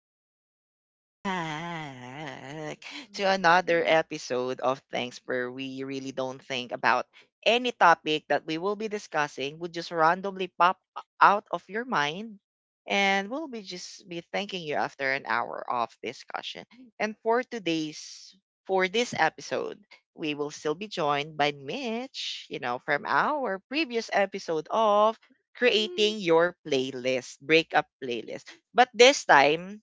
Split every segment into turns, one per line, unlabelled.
Welcome back to another episode of Thanks, where we really don't think about any topic that we will be discussing. Would just randomly pop out of your mind and we'll be just be thanking you after an hour of discussion. And for today's for this episode, we will still be joined by Mitch, you know, from our previous episode of
Mm-hmm.
creating your playlist, breakup
Yeah.
playlist. But this time,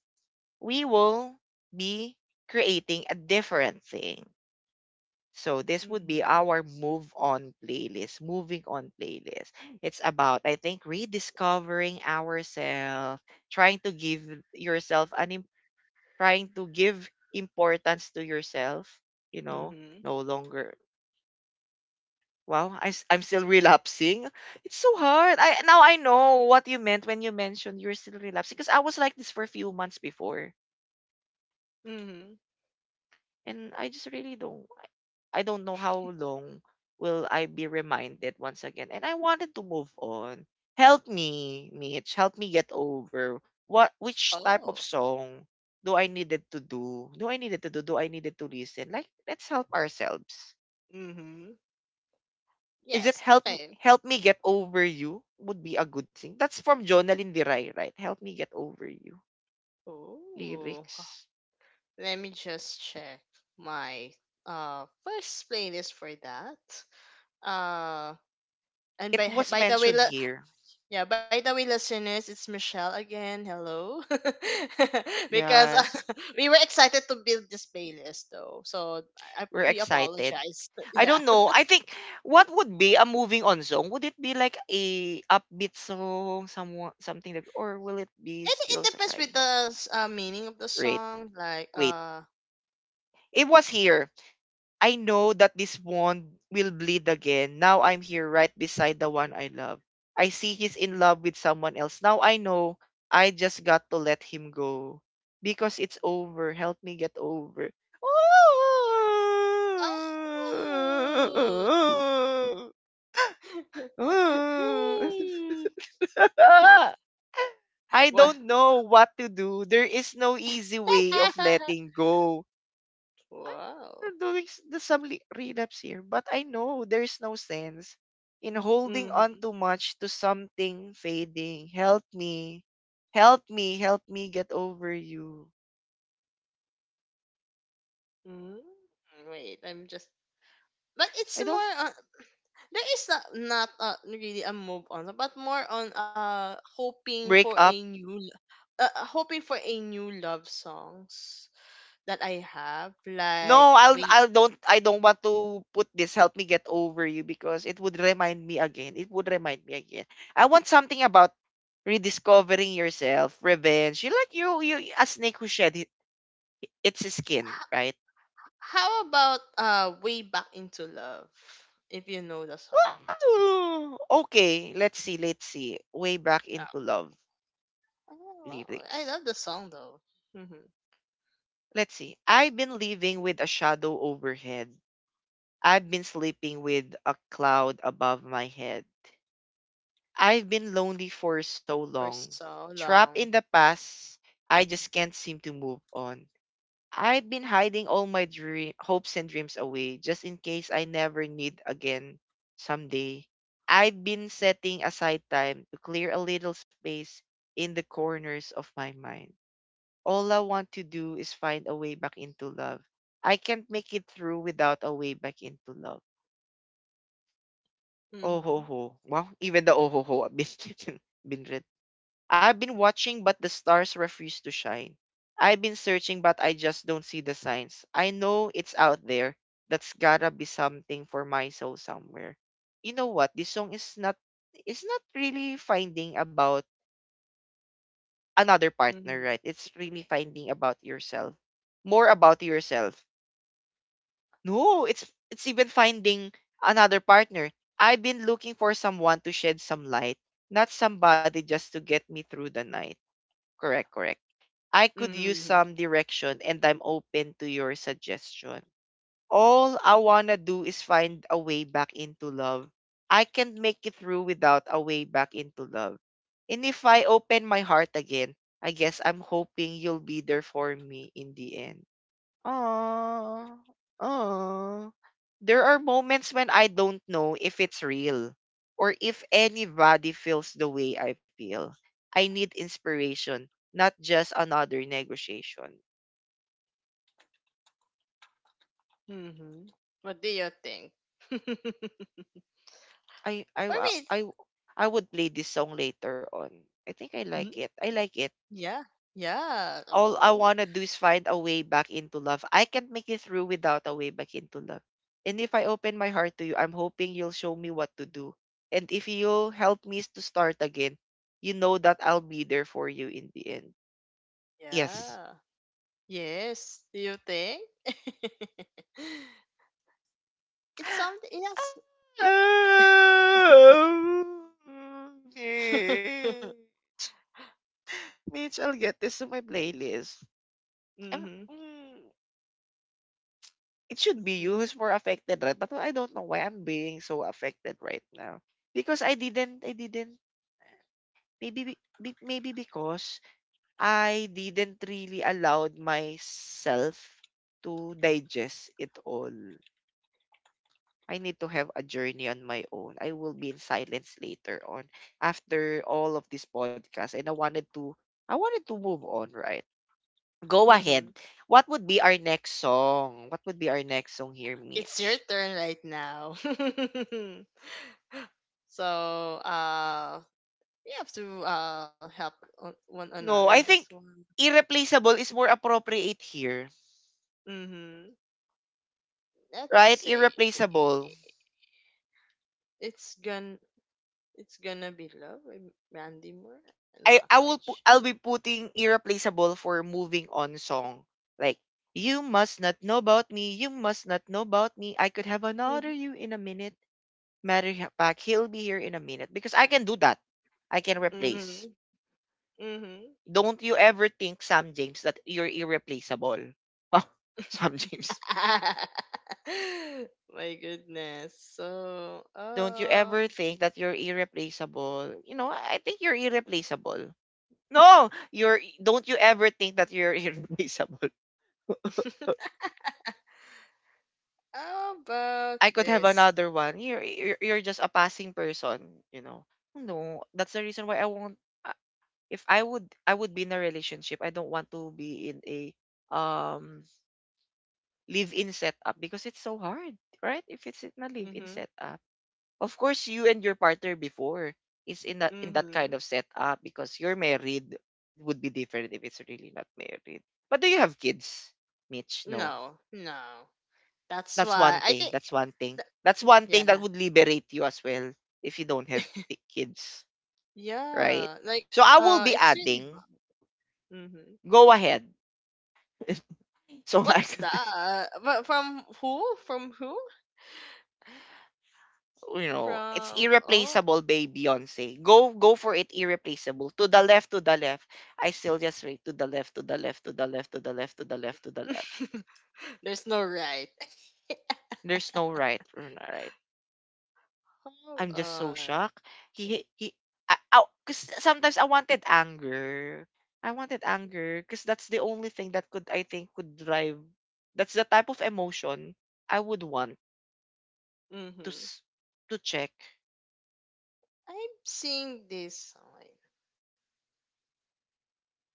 we will be creating a different thing. So this would be
Mm-hmm.
our move on playlist, moving on playlist. It's about, I think, rediscovering ourselves, trying to give yourself an im- trying to give importance to yourself, you know,
Mm-hmm.
no longer. Wow, I am still relapsing. It's so hard. I now I know what you meant when you mentioned you're still relapsing, because I was like this for a few months before,
Mm-hmm.
and I just really don't. I don't know how long will I be reminded once again, and I wanted to move on. Help me, Mitch. Help me get over what which type
Oh.
of song do I needed to do? Do I needed to do? Do I needed to listen? Like, let's help ourselves.
Mm-hmm.
Is it,
Yes. Okay.
help me get over you, would be a good thing. That's from Jonalyn Diray, right? Help me get over you.
Oh.
Lyrics.
Let me just check my first playlist for that. Uh. And
It
by
was
by the way,
mentioned here.
yeah, by the way, listeners, it's Michelle again. Hello, because
Yes.
we were excited to build this playlist, though. So
We're
we
excited.
apologize.
I
yeah,
don't know. I think, what would be a moving on song? Would it be like a upbeat song, someone something that, or will it
it,
be
it
still
depends with
surprising?
the meaning of the
Wait,
song. Like,
wait. It was here. I know that this wound will bleed again. Now I'm here right beside the one I love. I see he's in love with someone else. Now I know I just got to let him go because it's over. Help me get over.
oh, Hmm.
I
What?
don't know what to do. There is no easy way of letting go.
Wow.
I'm doing s- the some li- relapse here, but I know there's no sense in holding on
Mm-hmm.
too much to something fading. Help me. Help me get over you.
mm Wait, I'm just. But it's
I don't
more on. There is not really a move on, but more on hoping for
break
a
up.
new, hoping for a new love songs that I have. Like
No, I'll
wait,
I don't want to put this help me get over you, because it would remind me again. It would remind me again. I want something about rediscovering yourself, revenge. You, like, you, a snake who its skin, right?
how about Way Back Into Love? If you know the song.
Wow! Okay, let's see, let's see. Way back
Uh,
into love,
oh, I love
lyrics.
the song though. Mm-hmm.
Let's see. I've been living with a shadow overhead. I've been sleeping with a cloud above my head. I've been lonely for so
For
long.
so
Trapped
long.
in the past, I just can't seem to move on. I've been hiding all my dream hopes and dreams away, just in case I never need again someday. I've been setting aside time to clear a little space in the corners of my mind. All I want to do is find a way back into love. I can't make it through without a way back into love. Oh ho
Mm-hmm.
ho. Wow, even the oh ho ho. I've been read. I've been watching, but the stars refuse to shine. I've been searching, but I just don't see the signs. I know it's out there. That's gotta be something for my soul somewhere. You know what? This song is not it's not really finding about another
Mm-hmm.
partner, right? It's really finding about yourself. More about yourself. No, it's even finding another partner. I've been looking for someone to shed some light, not somebody just to get me through the night. Correct, correct. I could use
Mm-hmm.
some direction and I'm open to your suggestion. All I wanna do is find a way back into love. I can't make it through without a way back into love. And if I open my heart again, I guess I'm hoping you'll be there for me in the end. Aw, aw. There are moments when I don't know if it's real or if anybody feels the way I feel. I need inspiration, not just another negotiation.
Mm-hmm. What do you think?
I
For
I I
me, it's,
I I would play this song later on. I think I
mm,
like it. I like it.
yeah. Yeah.
All I
Oh.
want to do is find a way back into love. I can't make it through without a way back into love. And if I open my heart to you, I'm hoping you'll show me what to do. And if you'll help me to start again, you know that I'll be there for you in the end.
Yeah.
Yes.
Yes. Do you think? It's something yes.
Mitch, I'll get this to my playlist. Um,
Hmm.
mm, it should be you
Mm-hmm.
who's more affected, right? But I don't know why I'm being so affected right now, because I didn't. Maybe, maybe because I didn't really allowed myself to digest it all. I need to have a journey on my own. I will be in silence later on after all of this podcast, and I wanted to move on, right? Go
Mm-hmm.
ahead. What would be our next song? What would be our next song here,
It's your
Mitch?
turn right now. So, uh, we have to help one another
No,
in
I
this
think
one.
irreplaceable is more appropriate here,
Mm-hmm. Let's
right?
say
Irreplaceable.
it's gonna be love with Mandy Moore. I'm not quite sure.
I'll be putting irreplaceable for moving on song. Like, you must not know about me, you must not know about me. I could have another you in a minute. Pack, he'll be here in a minute because I can do that. I can
Mm-hmm.
replace.
Mm-hmm.
Don't you ever think, Sam James, that you're irreplaceable. Sam James.
My goodness. So,
Don't you ever think that you're irreplaceable. You know, I think you're irreplaceable. No, you're don't you ever think that you're irreplaceable.
how about
I could have
this?
another one. You're just a passing person, you know. No, that's the reason why I won't. Uh, if I would, I would be in a relationship. I don't want to be in a, um live-in setup because it's so hard, right? If it's in a live-in
Mm-hmm.
setup, of course you and your partner before is in that kind
Mm-hmm.
of setup because you're married, would be different if it's really not married. But do you have kids, Mitch? No.
No, no. That's
That's
why
one
I
thing,
think
that's one thing.
th-
That's one thing that
yeah.
would liberate you as well if you don't have kids, right?
Yeah. Like
So I will be
it's really
adding,
Mm-hmm.
go ahead. So I
What's
could
that? But from who? From who?
you know, it's
From oh
irreplaceable by Beyonce. Go for it, irreplaceable. To the left, to the left. I still just wait, to the left, to the left, to the left, to the left, to the left, to the left.
there's no right.
There's no right or not.
Hold
I'm just so
on.
shocked. He, I, ow, cause sometimes I wanted anger. I wanted anger because that's the only thing that could I think could drive. That's the type of emotion I would want to
Mm-hmm.
s- to check
I'm seeing this sign.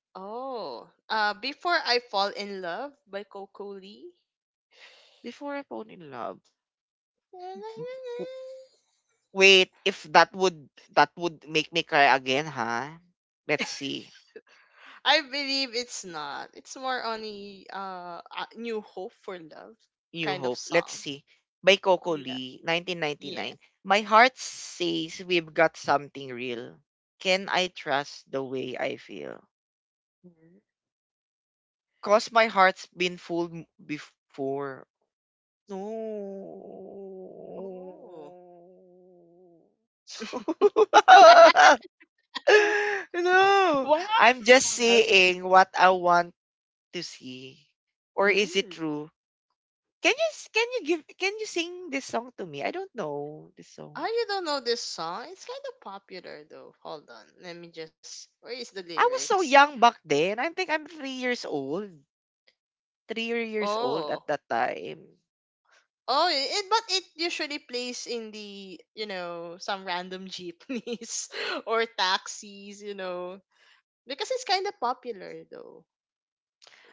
Oh. Before I Fall in Love by Coco Lee.
before I fall in love.
La, la, la,
W-
la.
Wait, if that would, that would make me cry again, huh? Let's see.
I believe it's not. It's more on a New Hope for Love
New
kind
Hope.
of
Let's
song.
see. By Coco
Yeah.
Lee, 1999.
Yeah.
My heart says we've got something real. Can I trust the way I feel?
Mm.
Cause my heart's been before. No.
Oh.
No.
What?
I'm just seeing what I want to see. Or is it
Mm.
true? Can you s- can you give can you sing this song to me? I don't know this song.
Oh, you don't know this song? It's kind of popular though. Hold on. Let me just. Where is the
I was so
lyrics?
young back then. I think I'm 3 years old. 3 years old at
Oh.
that time.
Oh, it, but it usually plays in the, you know, some random jeepneys or taxis, you know. Because it's kind of popular though.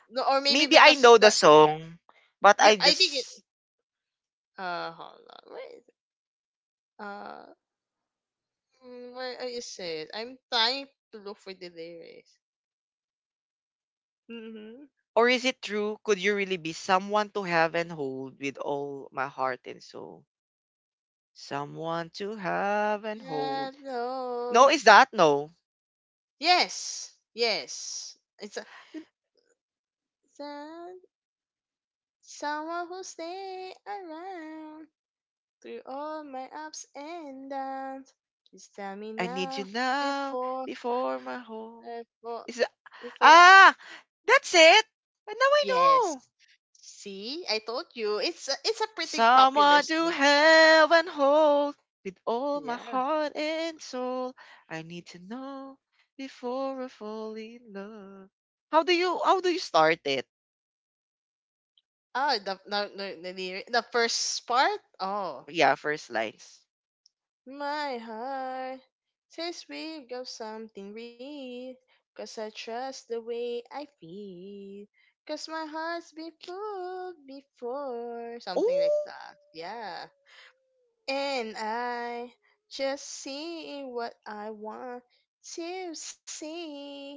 No, or maybe
Maybe I
because
know the
the
song, but I
you I think it
just.
hold on. Where is, it? uh Mm, where are you said? I'm trying to look for the lyrics. Mm-hmm.
Or is it true? Could you really be someone to have and hold with all my heart and soul? Someone to have and hold. No,
Hello.
is that no?
Yes. Yes. It's a, Some- someone who stay around through all my ups and downs. Please tell me
I need you
now
now
before
before my whole.
before
Is that,
before
ah? That's it. And now I
yes,
know.
see, I told you it's a pretty popular
Someone to
song.
have and hold with all my
Yeah.
heart and soul. I need to know before I fall in love.
Yeah.
How do you start it?
Oh the, the first part oh
Yeah, first lines.
my heart says we got something real, 'cause I trust the way I feel, 'cause my heart's been fooled before. Something like
Oh,
that. Yeah. And I just see what I want to see.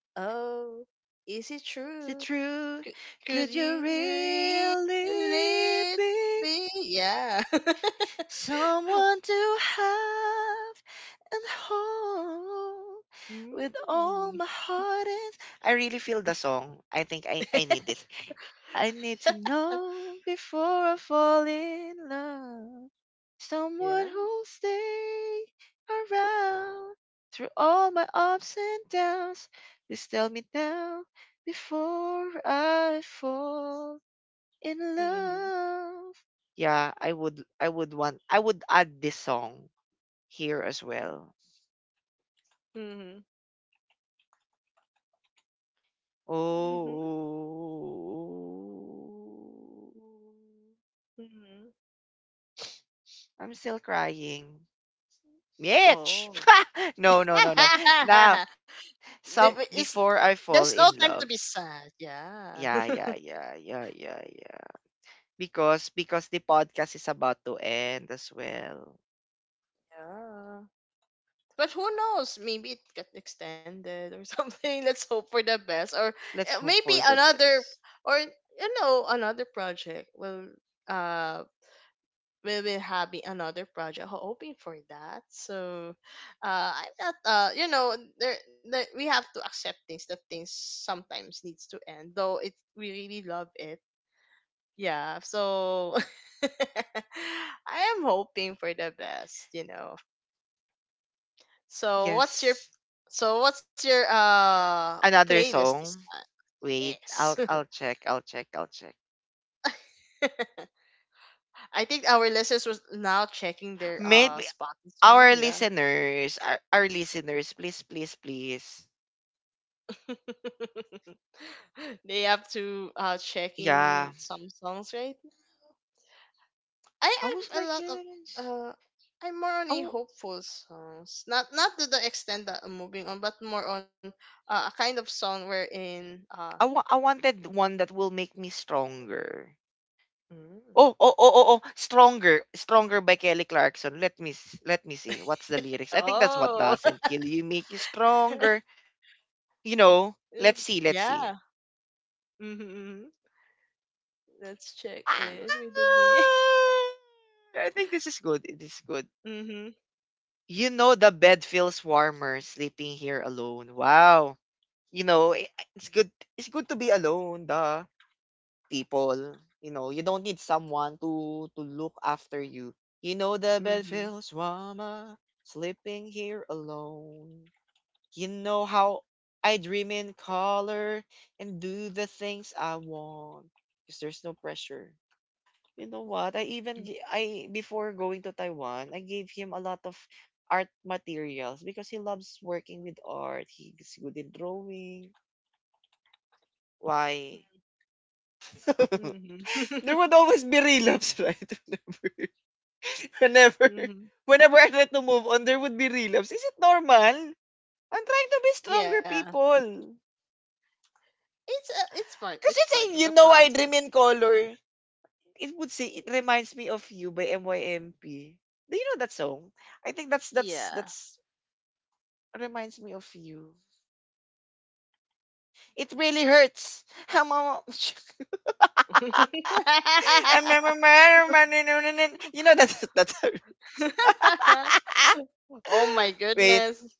Oh, is it
is it
true?
true?
Could, could
Could you
you
really
let
be
me? Yeah.
someone to have and hold with
Mm.
all my heart and, I really feel the song. I think I need this. I need to know before I fall in love.
Yeah.
Someone who'll stay around through all my ups and downs. Please tell me now before I fall in
Mhm.
love. Yeah, I would add this song here as well.
Mhm. Mhm.
Oh,
Mhm.
I'm still crying. Mitch.
Oh.
No, no. Now, some
It's
before I
there's
fall
no
in
time to be
love.
sad. Yeah.
Yeah. Because the podcast is about to end as well.
Yeah. But who knows? Maybe it got extended or something. Let's hope for the best. Or
Let's hope
maybe
for the
another,
best.
or you know, another project will uh. we will have another project hoping for that. So, I'm not, you know, there, we have to accept things that things sometimes needs to end, though it we really love it. Yeah, so I am hoping for the best, you know. So what's your,
Yes.
so what's your
Another
playlist this
song.
time?
Wait,
Yes,
I'll check. I'll check.
I think our listeners was now checking their
Maybe
Spotify.
our
Yeah.
listeners, our listeners, please, please, please.
They have to checking
Yeah.
some songs right. I
I was
have a
like,
lot
"Yeah,
of
that is-
uh I'm more on a
oh,
hopeful songs, not not to the extent that I'm moving on but more on a kind of song wherein
I wanted one that will make me stronger.
Mm.
Oh, Stronger, by Kelly Clarkson. Let me see. What's the lyrics? I think that's what
Oh
doesn't kill you make you stronger. You know,
Mm,
let's see, let's
yeah.
see.
Mm-hmm. Mm-hmm. Let's check it with the knee.
I think this is good. It is good.
Mm-hmm.
You know the bed feels warmer sleeping here alone. Wow. You know, i- it's good it's good to be alone, duh. People. You know, you don't need someone to look after you. You know the bed
Mm-hmm.
feels warmer, sleeping here alone. You know how I dream in color and do the things I want. Cause there's no pressure. You know what? I, before going to Taiwan, I gave him a lot of art materials because he loves working with art. He's good in drawing. Why? There
Mm-hmm.
would always be relapse, right? Whenever,
Mm-hmm.
whenever whenever I try to move on, there would be relapse. Is it normal? I'm trying to be stronger,
Yeah.
people.
It's part
Because
it's part
it's
of
a,
the
you know, I
process.
dream in color. It would say, it reminds me of you by MYMP. Do you know that song? I think that's, that's,
Yeah.
that's, reminds me of you. It
Mm.
really hurts. I'm a- You know that, that,
Oh my
Wait,
goodness.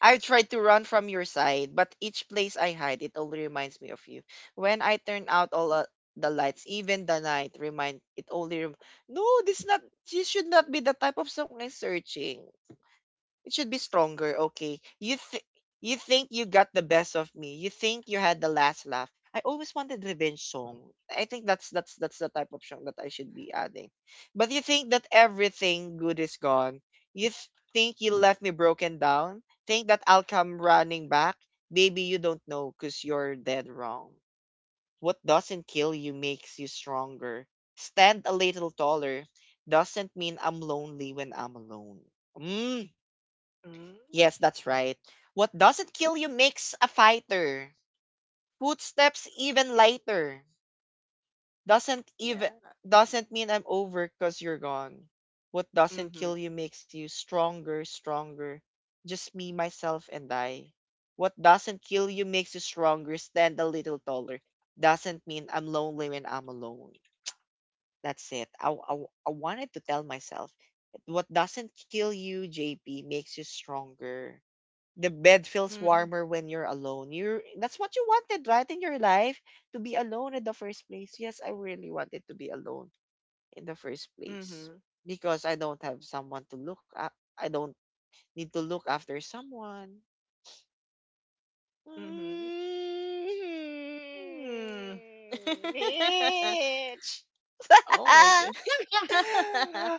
I tried to run from your side, but each place I hide, it only reminds me of you. When I turn out all the lights, even the night, remind it only. No, this not. This should not be the type of song I'm searching. It should be stronger, okay? You think you got the best of me. You think you had the last laugh. I always wanted revenge song. I think that's the type of song that I should be adding. But you think that everything good is gone. You think you left me broken down. Think that I'll come running back. Baby, you don't know cause you're dead wrong. What doesn't kill you makes you stronger. Stand a little taller, doesn't mean I'm lonely when I'm alone. Hmm.
Mm.
Yes, that's right. What doesn't kill you makes a fighter. Footsteps even lighter. Doesn't
Yeah.
even doesn't mean I'm over cause you're gone. What doesn't
Mm-hmm.
kill you makes you stronger, stronger. Just me, myself, and I. What doesn't kill you makes you stronger, stand a little taller. Doesn't mean I'm lonely when I'm alone. That's it. I wanted to tell myself what doesn't kill you, JP, makes you stronger, the bed feels
Mm-hmm.
warmer when you're alone. You're that's what you wanted, right, in your life to be alone in the first place. Yes, I really wanted to be alone in the first place
Mm-hmm.
because I don't have someone to look up. I don't need to look after someone.
Mm-hmm.
Mm,
Mm.
Mitch.
Oh my
ah,
good.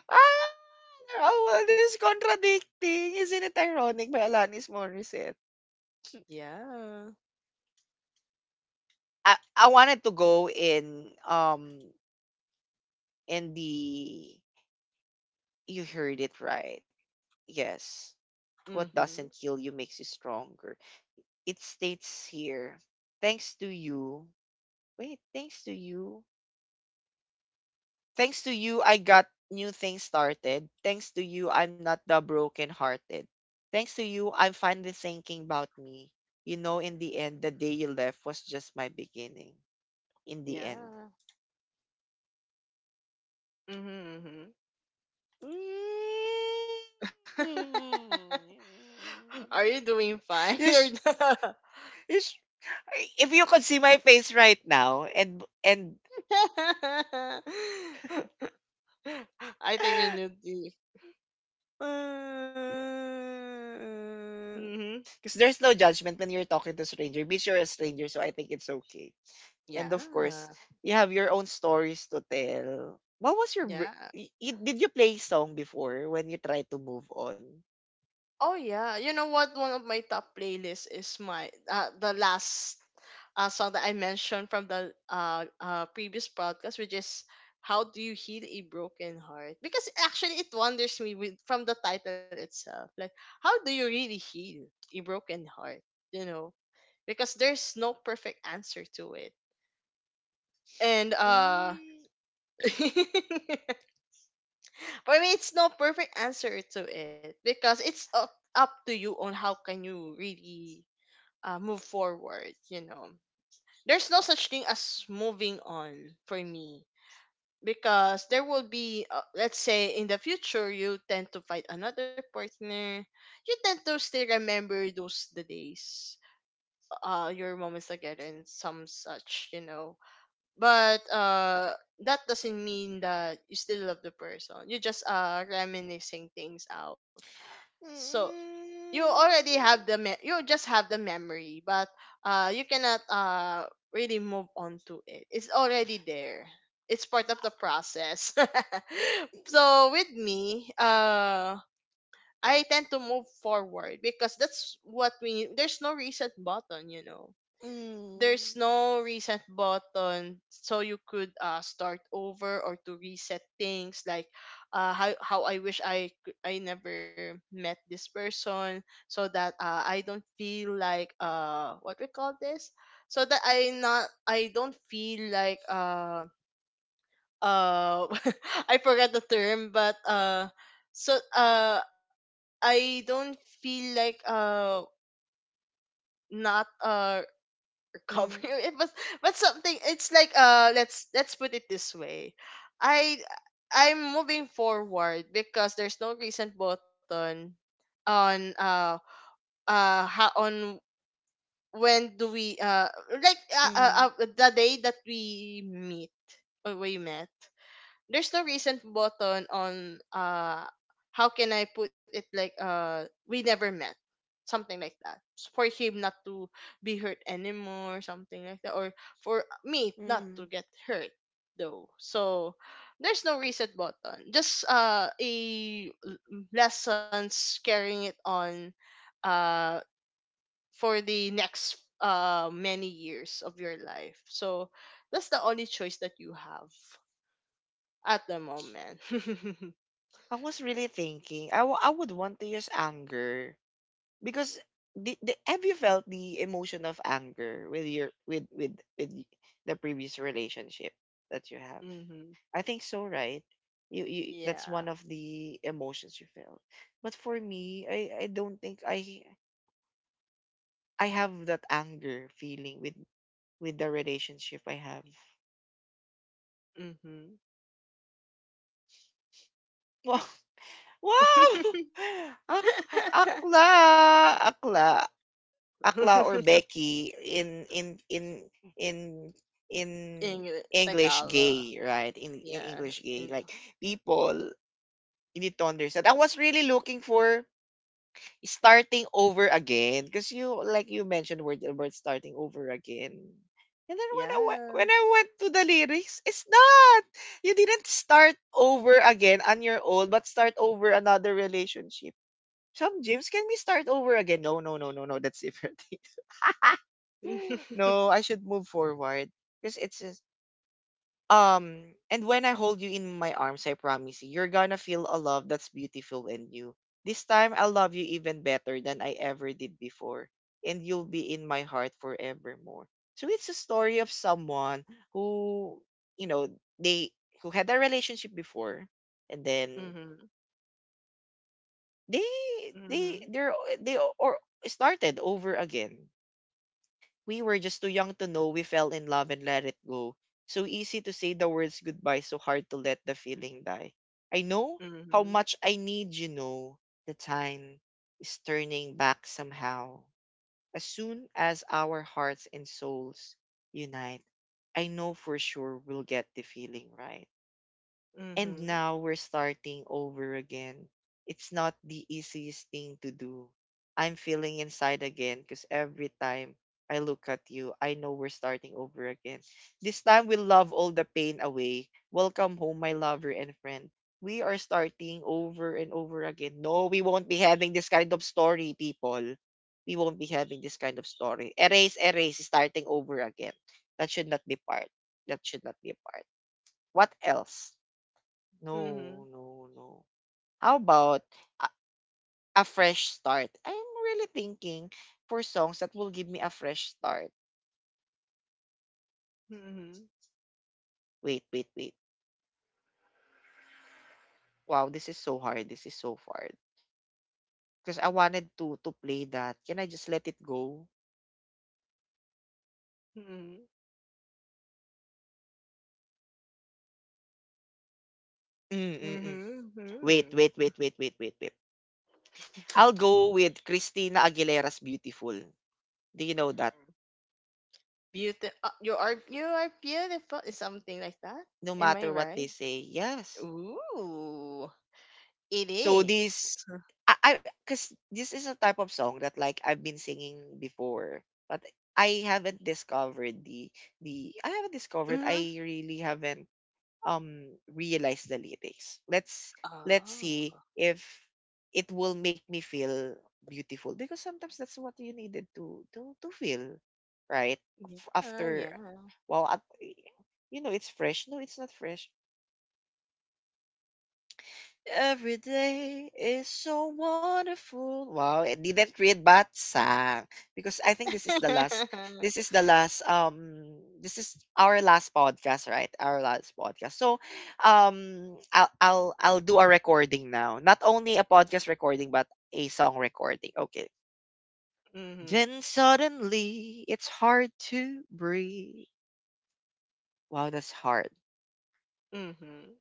oh, well, this contradicting. Isn't it ironic by Alanis Morissette?
Yeah.
I wanted to go in in the you heard it right. Yes. What
Mm-hmm.
doesn't kill you makes you stronger. It states here. Thanks to you. Wait, thanks to you. Thanks to you I got new things started. Thanks to you I'm not the broken hearted. Thanks to you I'm finally thinking about me. You know in the end the day you left was just my beginning. In the end.
Yeah. Mm-hmm.
Mm.
Are you doing fine
You
or
sh-
not?
you sh- if you could see my face right now and
I think you need the. Mm-hmm.
because there's no judgment when you're talking to stranger means you're a stranger so I think it's okay. And of course
Yeah.
you have your own stories to tell. What was your br-
Yeah.
y- y- Did you play song before when you try to move on?
Oh yeah, you know what? One of my top playlists is my the last song that I mentioned from the previous podcast, which is "How Do You Heal a Broken Heart?" Because actually, it wonders me with from the title itself, like how do you really heal a broken heart? You know, because there's no perfect answer to it, and
Mm,
for me, it's no perfect answer to it because it's up to you on how can you really move forward, you know, there's no such thing as moving on for me, because there will be let's say in the future you tend to find another partner, you tend to still remember those the days, your moments together and some such, you know, but that doesn't mean that you still love the person, you just reminiscing things out. So
mm.
you just have the memory, but you cannot really move on to it, it's already there, it's part of the process. So with me, I tend to move forward because that's what we there's no reset button, you know, there's
Mm.
no reset button, so you could start over or to reset things like how I wish I never met this person, so that I don't feel like what we call this, so that I don't feel like uh I forgot the term, but so uh I don't feel like not cover
Mm.
it was, but something it's like let's put it this way, i I'm moving forward because there's no recent button on how on when do we like
Mm.
the day that we meet or we met, there's no recent button on how can I put it, like we never met, something like that. For him not to be hurt anymore, something like that, or for me not to
Mm.
get hurt though. So there's no reset button, just lessons carrying it on uh for the next many years of your life. So that's the only choice that you have at the moment.
I was really thinking. I would want to use anger because have you felt the emotion of anger with your with y- the previous relationship that you have?
Hmm.
I think so, right? You, that's one
Yeah.
of the emotions you felt. But for me, I don't think I have that anger feeling with the relationship I have.
Hmm.
Wow! Ak akla, akla, akla or Becky in in
English,
English
Tagalog.
gay, right? In
Yeah.
English gay,
In-
like people need to understand. I was really looking for starting over again because you like you mentioned word the word starting over again. And then
yeah.
when I went to the lyrics, it's not. You didn't start over again on your own, but start over another relationship, some gyms, can we start over again? No, no, no, no, no. That's different. No, I should move forward because it's just. And when I hold you in my arms, I promise you, you're gonna feel a love that's beautiful and new. This time, I'll love you even better than I ever did before, and you'll be in my heart forevermore. So it's a story of someone who, you know, they who had a relationship before, and then
Hmm.
they
Hmm.
they they're they or started over again. We were just too young to know we fell in love and let it go. So easy to say the words goodbye, so hard to let the feeling die. I know
Hmm.
how
Hmm.
much I need you know. The time is turning back somehow. As soon as our hearts and souls unite, I know for sure we'll get the feeling right. And
Hmm.
now we're starting over again. It's not the easiest thing to do. I'm feeling inside again because every time I look at you, I know we're starting over again. This time we'll love all the pain away. Welcome home, my lover and friend. We are starting over and over again. No, we won't be having this kind of story, people. We won't be having this kind of story. Erase, erase, starting over again. That should not be part. That should not be a part. What else?
Hmm.
No, no, no. How about a, a fresh start? I'm really thinking for songs that will give me a fresh start. Wait, wait, wait. Wow, this is so hard. This is so hard. Because I wanted to play that. Can I just let it go?
Mm-hmm.
Mm-mm-mm. Wait,
Mm-hmm.
wait, wait, wait, wait, wait, wait. I'll go with Christina Aguilera's Beautiful. Do you know that?
Beauty. You are you are beautiful. Is something like that?
No
Am I
matter what they
right?
say, yes.
Ooh, it
So this
is.
I, because this is a type of song that like I've been singing before, but I haven't discovered the I haven't discovered, I
Mm-hmm.
really haven't realized the lyrics. Let's
Oh.
see if it will make me feel beautiful because sometimes that's what you needed to feel, right?
Yeah, yeah.
After well, at, you know it's fresh. No, it's not fresh. Every day is so wonderful. Wow, I didn't read but sang because I think this is the last this is our last podcast, right? Our last podcast. So I'll do a recording now. Not only a podcast recording but a song recording. Okay.
Mhm.
Then suddenly it's hard to breathe. Wow, that's hard.
Mhm.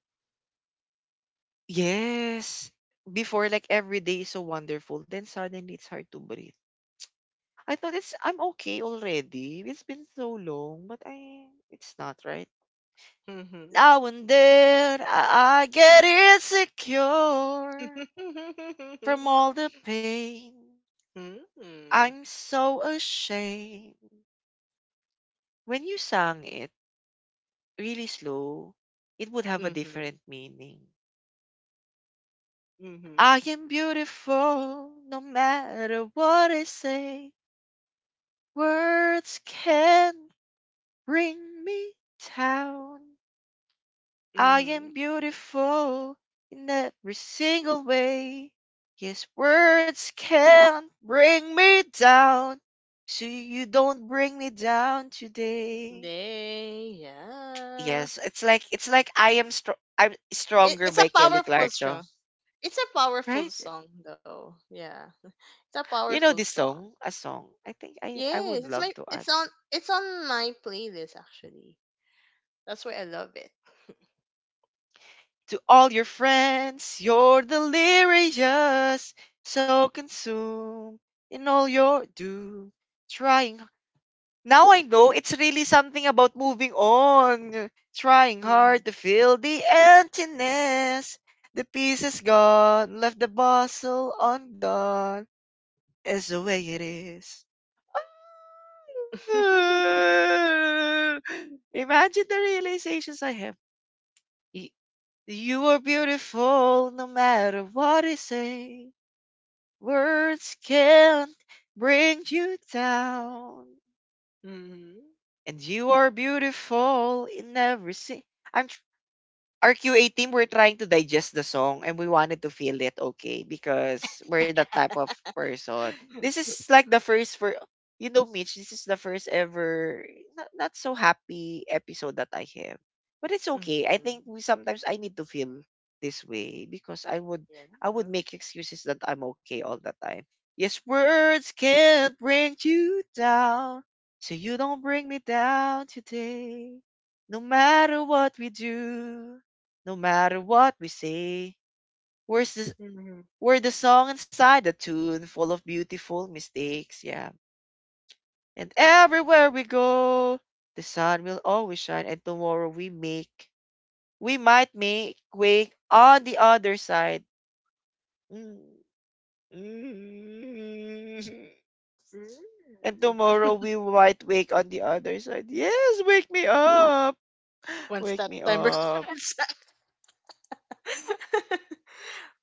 Yes. Before like every day is so wonderful, then suddenly it's hard to breathe. I thought it's I'm okay already. It's been so long, but I it's not right.
Mhm.
Now and then I get insecure from all the pain.
Mhm.
I'm so ashamed. When you sang it really slow, it would have a
Mhm.
different meaning.
Mhm.
I am beautiful no matter what I say. Words can bring me down. I
Mhm.
am beautiful in every single way. Yes, words can't bring me down. So you don't bring me down today.
They, yeah.
Yes, it's like I'm
It,
stronger
it's a
by Kelly
powerful
Clarkson.
song. It's a powerful
Right?
song though. Yeah. It's a
You know
powerful
this
song.
song, a song. I think I
Yes,
would
it's my
love to add
it's on my playlist actually. That's why I love it.
to all your friends. You're delirious, so consumed in all your doom, trying. Now I know it's really something about moving on, trying hard
Mhm.
to fill the emptiness. The piece is gone, left the bustle undone. It's the way it is. Imagine the realizations I have. Y- You are beautiful no matter what I say. Words can't bring you down.
Mhm. Mhm.
And you are beautiful in every scene. I'm, our QA team were trying to digest the song and we wanted to feel it okay because we're that type of person. This is like the first for you know Mitch, this is the first ever not so happy episode that I have. But it's okay. I think we sometimes I need to feel this way because
Yeah.
I would make excuses that I'm okay all the time. Yes, words can't bring you down. So you don't bring me down today. No matter what we do. No matter what we say, where's the,
Mhm.
we're the song inside the tune, full of beautiful mistakes. Yeah. And everywhere we go, the sun will always shine, and we might make wake on the other side. Mm, mm.
Mm.
And tomorrow we might wake on the other side. Yes, wake me up.
One
Wake
step
me
timers.
up.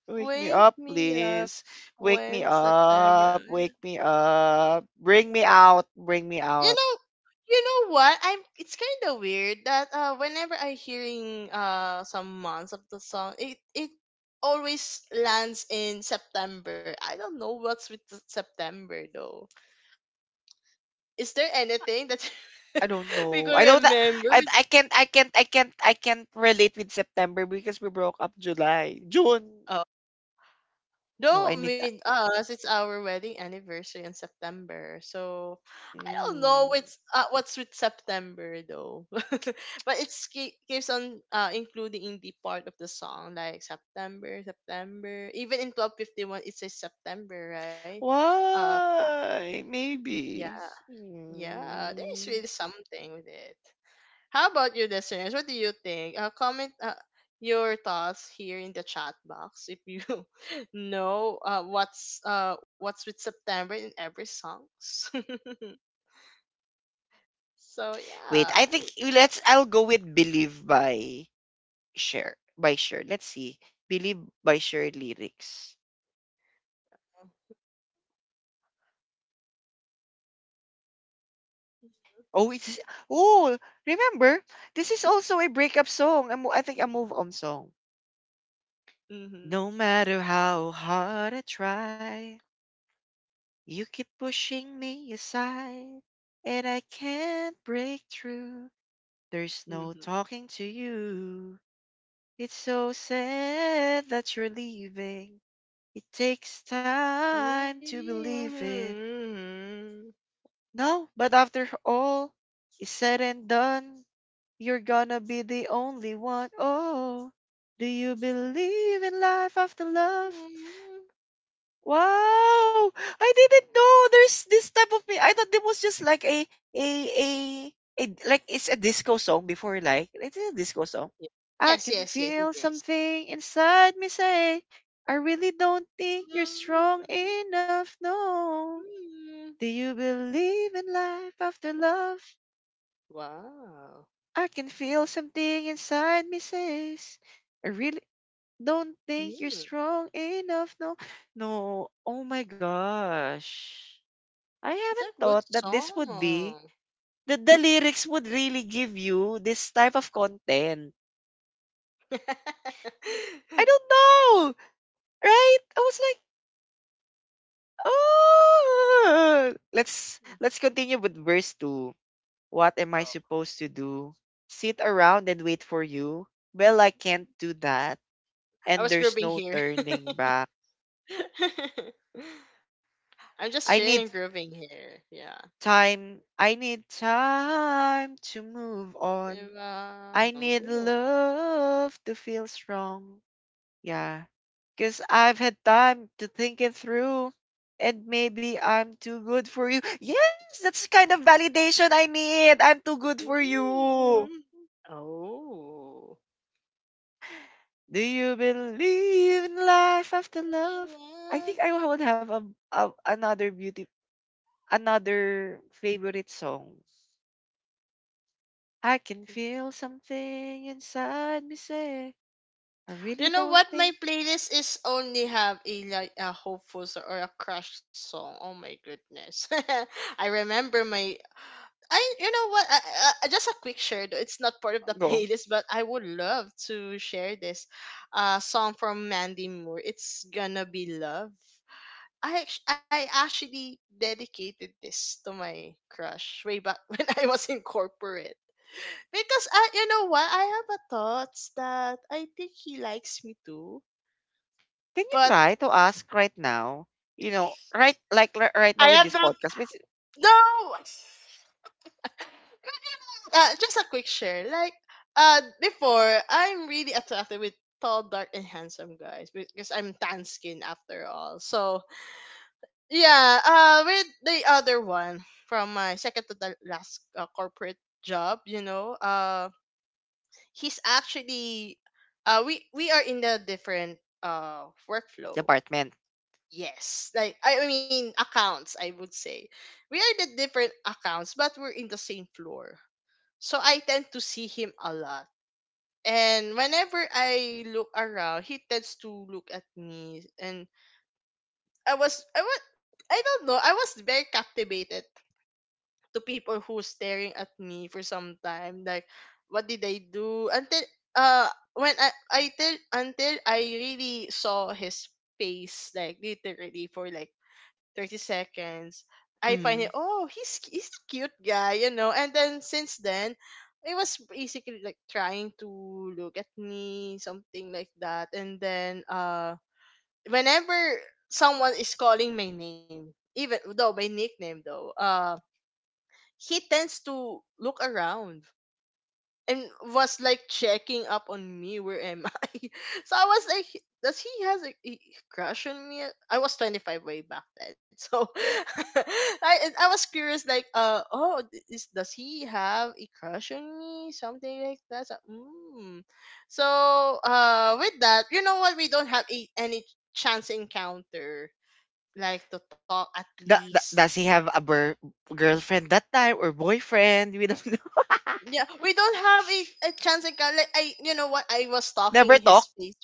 Wake me
Wake
up,
me up
please. Wake me
when September.
up. Wake me up. Bring me out. Bring me
You
out.
know, you know what I'm it's kind of weird that whenever I hearing some months of the song, it always lands in September. I don't know what's with the September though. Is there anything that
I don't
we
know.
could
I don't I
remember with.
I can't relate with September because we broke up July. June. No, I
Though
need that.
with us, it's our wedding anniversary in September, so I don't know
Mm.
what's with September though. But it's keeps on including in the part of the song like September, September. Even in 12:51, it says September, right? Uh,
Why?
yeah,
Maybe.
yeah. There is really
Mm.
something with it. How about you, listeners? What do you think? Comment your thoughts here in the chat box if you know what's with September in every songs. So yeah.
Wait, I think let's I'll go with Believe by Cher. Let's see. Believe by Cher lyrics. Oh, oh, remember, this is also a breakup song. I think a move on song.
Mm-hmm.
No matter how hard I try, you keep pushing me aside, and I can't break through. There's
Mm-hmm.
no
Mm-hmm.
talking to you. It's so sad that you're leaving. It takes time to believe it. No, but after all, is said and done. You're gonna be the only one. Oh, do you believe in life after love? Wow! I didn't know there's this type of me. I thought it was just like a a, a like it's a disco song before, like it's a disco song.
Yeah.
I
Yes,
can
yes, yes, it
feel
is.
something inside me say, I really don't think you're strong
Mm-hmm.
enough. No. Do you believe in life after love?
Wow.
I can feel something inside me says, I really don't think you're
Mm.
strong enough. No, no. Oh my gosh. I
It's a
haven't
good
thought that this would be,
song.
that the lyrics would really give you this type of content. I don't know, right? I was like, oh. Let's continue with verse two. What am I
Oh,
supposed to do? Sit around and wait for you? Well, I can't do that,
I
and
was
there's
grooving
no
here.
turning back.
I'm just
I
chilling,
need
grooving here. Yeah.
time. I need time to move on.
Ivan.
I need
Oh.
love to feel strong. Yeah. Because I've had time to think it through. And maybe I'm too good for you. Yes, that's the kind of validation I need. I'm too good for you.
Mm. Oh.
Do you believe in life after love? I think I would have a another beauty, another favorite song. I can feel something inside me say, I
You
really
know
don't
what? My
think.
playlist is only have a like a hopeful or a crush song. Oh my goodness. I remember my I you know what? I- just a quick share, though. It's not part of the
Go.
playlist, but I would love to share this song from Mandy Moore. It's gonna be love. I actually dedicated this to my crush way back when I was in corporate. Because I, you know what, I have a thoughts that I think he likes me too,
Can you
but
try to ask right now? You know, right right
I
now with
have
this
not.
podcast, with
No, just a quick share. Like, before I'm really attracted with tall, dark, and handsome guys because I'm tan skin after all. So, yeah, with the other one from my second to the last corporate job, you know, he's actually, we are in the different
the
workflow.
apartment.
Yes, like I mean accounts, I would say we are the different accounts, but we're in the same floor. So I tend to see him a lot, and whenever I look around, he tends to look at me, and I was I don't know. I was very captivated to people who's staring at me for some time, like what did I do, until uh when I till until I really saw his face, like literally for like 30 seconds. I find it,
Mm.
oh, he's a cute guy, you know. And then since then it was basically like trying to look at me, something like that. And then whenever someone is calling my name, even though my nickname though, he tends to look around and was like checking up on me, where am I? So I was like, does he has a crush on me? I was 25-way back then, so I was curious, like oh, does he have a crush on me, something like that? So, mm. So with that, you know what, we don't have any chance encounter, like to talk at
Da, da,
least.
does he have a girlfriend that time or boyfriend? We don't know.
Yeah, we don't have a chance encounter. Like, I, you know what? I was
Never
stalking his
talk.
face.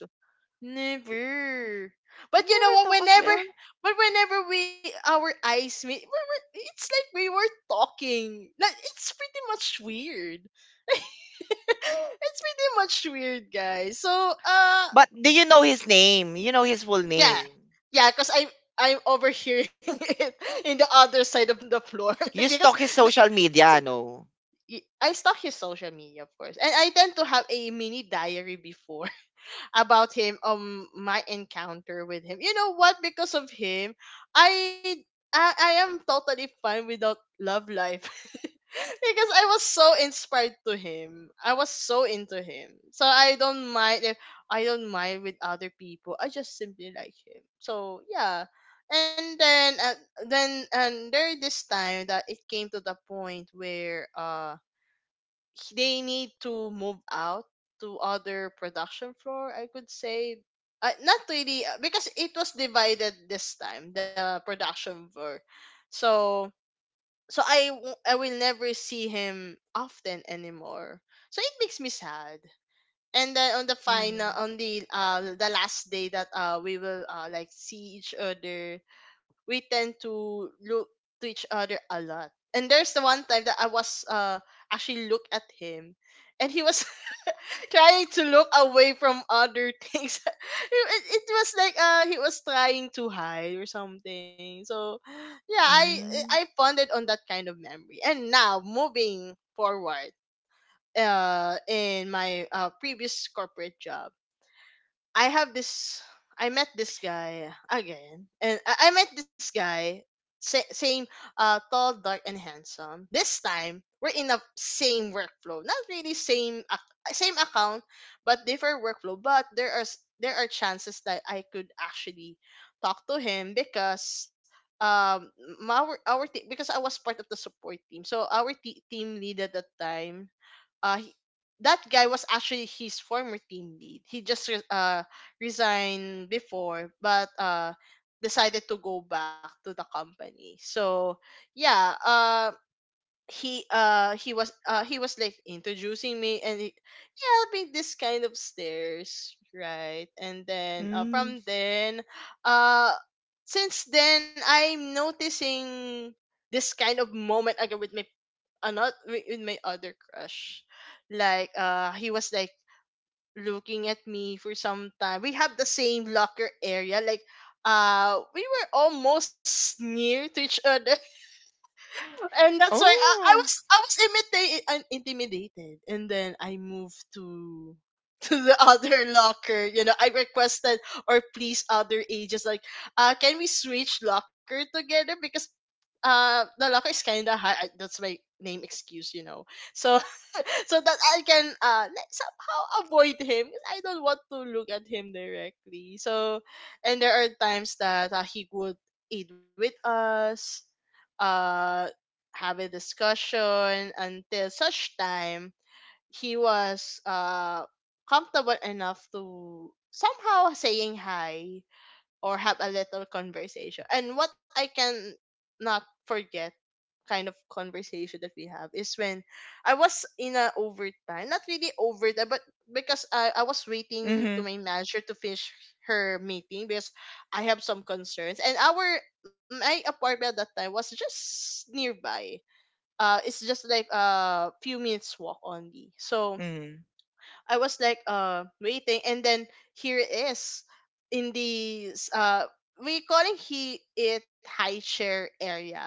Never.
You
But you know
never
what?
talk as well.
But whenever we our eyes meet, we were, it's like we were talking. Like, it's pretty much weird. It's pretty much weird, guys. So, uh,
But do you know his name? You know his full
yeah,
name.
yeah, because I. I'm overhearing it in the other side of the floor
You
because
stalk his social
that,
media, no?
I stalk his social media, of course, and I tend to have a mini diary before about him, my encounter with him. You know what? Because of him, I I am totally fine without love life. Because I was so inspired to him. I was so into him. So I don't mind if I don't mind with other people. I just simply like him. So yeah. And then and there this time that it came to the point where they need to move out to other production floor, I could say. Not really because it was divided this time, the production floor. So so I will never see him often anymore, so it makes me sad. And then on the final,
Mm.
on the last day that we will like see each other, we tend to look to each other a lot. And there's the one time that I was actually look at him, and he was trying to look away from other things. It was like he was trying to hide or something. So yeah, I
Mm.
funded on that kind of memory. And now, moving forward, in my previous corporate job, I have this. I met this guy again, and I met this guy, same, tall, dark, and handsome. This time we're in the same workflow, not really same, same account, but different workflow. But there are there are chances that I could actually talk to him because um because I was part of the support team, so team lead at that time, uh he- that guy was actually his former team lead. He just resigned before, but decided to go back to the company. So yeah, he was like introducing me, and he helped me this kind of stairs, right? And then
Mm.
from then uh since then I'm noticing this kind of moment again with my another with my other crush. Like, he was like looking at me for some time. We have the same locker area, like we were almost near to each other. And that's why I was
Oh.
I was imitated, I'm intimidated, and then I moved to to the other locker, you know. I requested or please other ages, like can we switch locker together, because the locker is kind of high, I, that's my name excuse, you know. So so that I can like, somehow avoid him, because I don't want to look at him directly. So, and there are times that he would eat with us, uh have a discussion, until such time he was comfortable enough to somehow saying hi or have a little conversation. And what I can not forget kind of conversation that we have is when I was in a overtime, not really overtime, but because I was waiting to
Mm-hmm.
my manager to finish her meeting, because I have some concerns. And our my apartment at that time was just nearby. It's just like a few minutes walk only. So I was like waiting, and then here it is, in the we calling he it high chair area.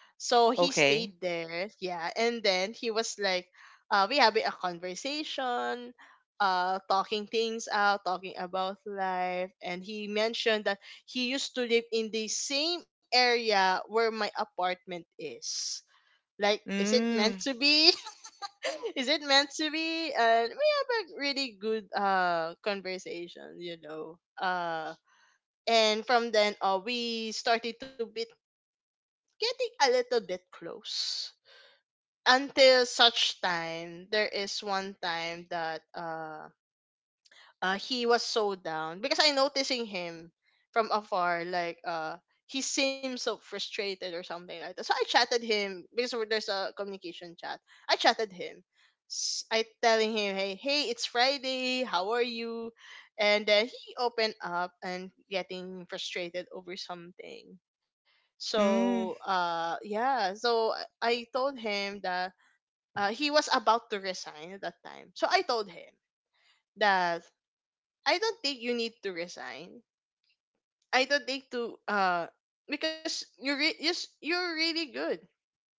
So he stayed
Okay.
there, yeah, and then he was like we having a conversation, talking things out, talking about life, and he mentioned that he used to live in the same area where my apartment is. Like, is it meant
Mm,
to be? Is it meant to be? And we have a really good conversation, you know. And from then on we started to be getting a little bit close, until such time there is one time that he was so down because I noticing him from afar. Like, he seems so frustrated or something like that. So I chatted him, because there's a communication chat. I chatted him. I telling him, hey, hey, it's Friday. How are you? And then he opened up and getting frustrated over something. So
mm,
yeah. So I told him that he was about to resign at that time. So I told him that I don't think you need to resign. I don't think to because yes, you're really good.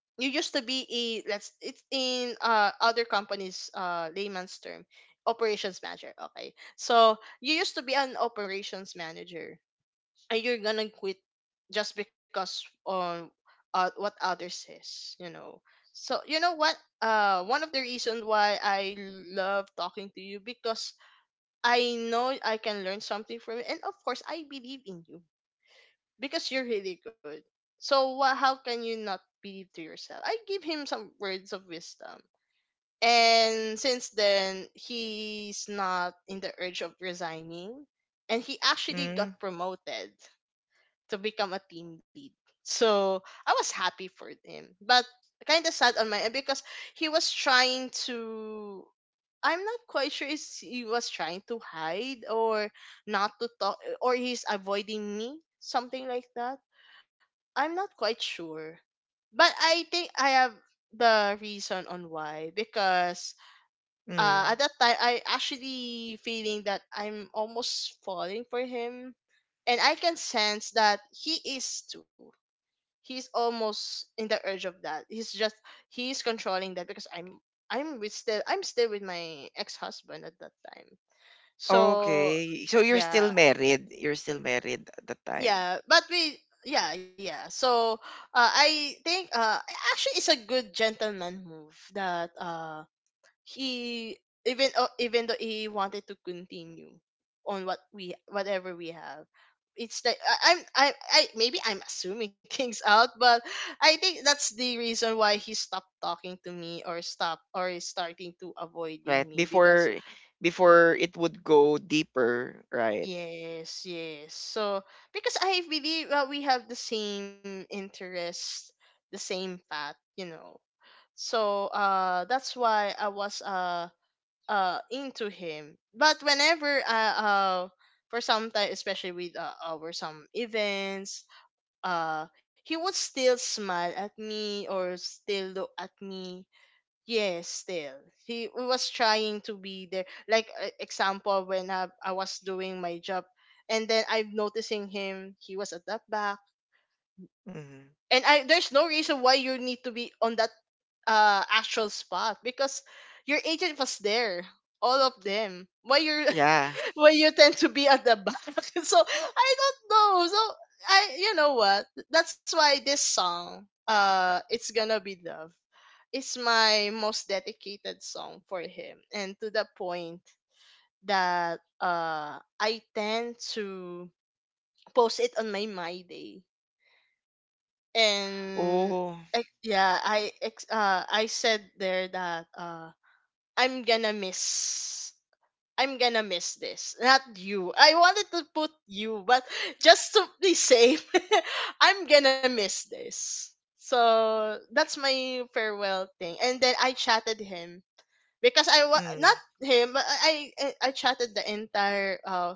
You used to be a let's it's in other companies layman's term operations manager. Okay, so you used to be an operations manager, and you're gonna quit just because on what others says, you know. So you know what, one of the reasons why I love talking to you, because I know I can learn something from you, and of course, I believe in you because you're really good. So, wha how can you not believe to yourself? I give him some words of wisdom, and since then, he's not in the urge of resigning, and he actually
mm,
got promoted to become a team lead. So I was happy for him, but kind of sad on my end because he was trying to. I'm not quite sure if he was trying to hide or not to talk, or he's avoiding me, something like that. I'm not quite sure, but I think I have the reason on why, because
mm.
at that time I actually feeling that I'm almost falling for him, and I can sense that he is too. He's almost in the urge of that. He's just he's controlling that because I'm with still I'm still with my ex husband at that time. So
Okay. So you're
yeah,
still married. You're still married at the time,
yeah, but we yeah yeah. So I think actually it's a good gentleman move that he even, oh, even though he wanted to continue on what we whatever we have, it's like I maybe I'm assuming things out. But I think that's the reason why he stopped talking to me, or stop, or is starting to
right?
avoiding me.
Before
Because
before it would go deeper, right?
yes, yes. So because I believe we have the same interest, the same path, you know. So that's why I was into him. But whenever for some time, especially with our some events, he would still smile at me or still look at me. Yes, still he was trying to be there. Like, example, when I was doing my job, and then I'm noticing him, he was at that back.
Hmm.
And I, there's no reason why you need to be on that actual spot, because your agent was there, all of them. Why you're
Yeah.
where you tend to be at the back? So I don't know. So I you know what? That's why this song, It's Gonna Be Love, it's my most dedicated song for him. And to the point that I tend to post it on my My Day. And
Oh.
yeah, I said there that I'm gonna miss I'm gonna miss this. Not you. I wanted to put you, but just to be safe, I'm gonna miss this. So that's my farewell thing. And then I chatted him, because not
Mm,
him, but I chatted the entire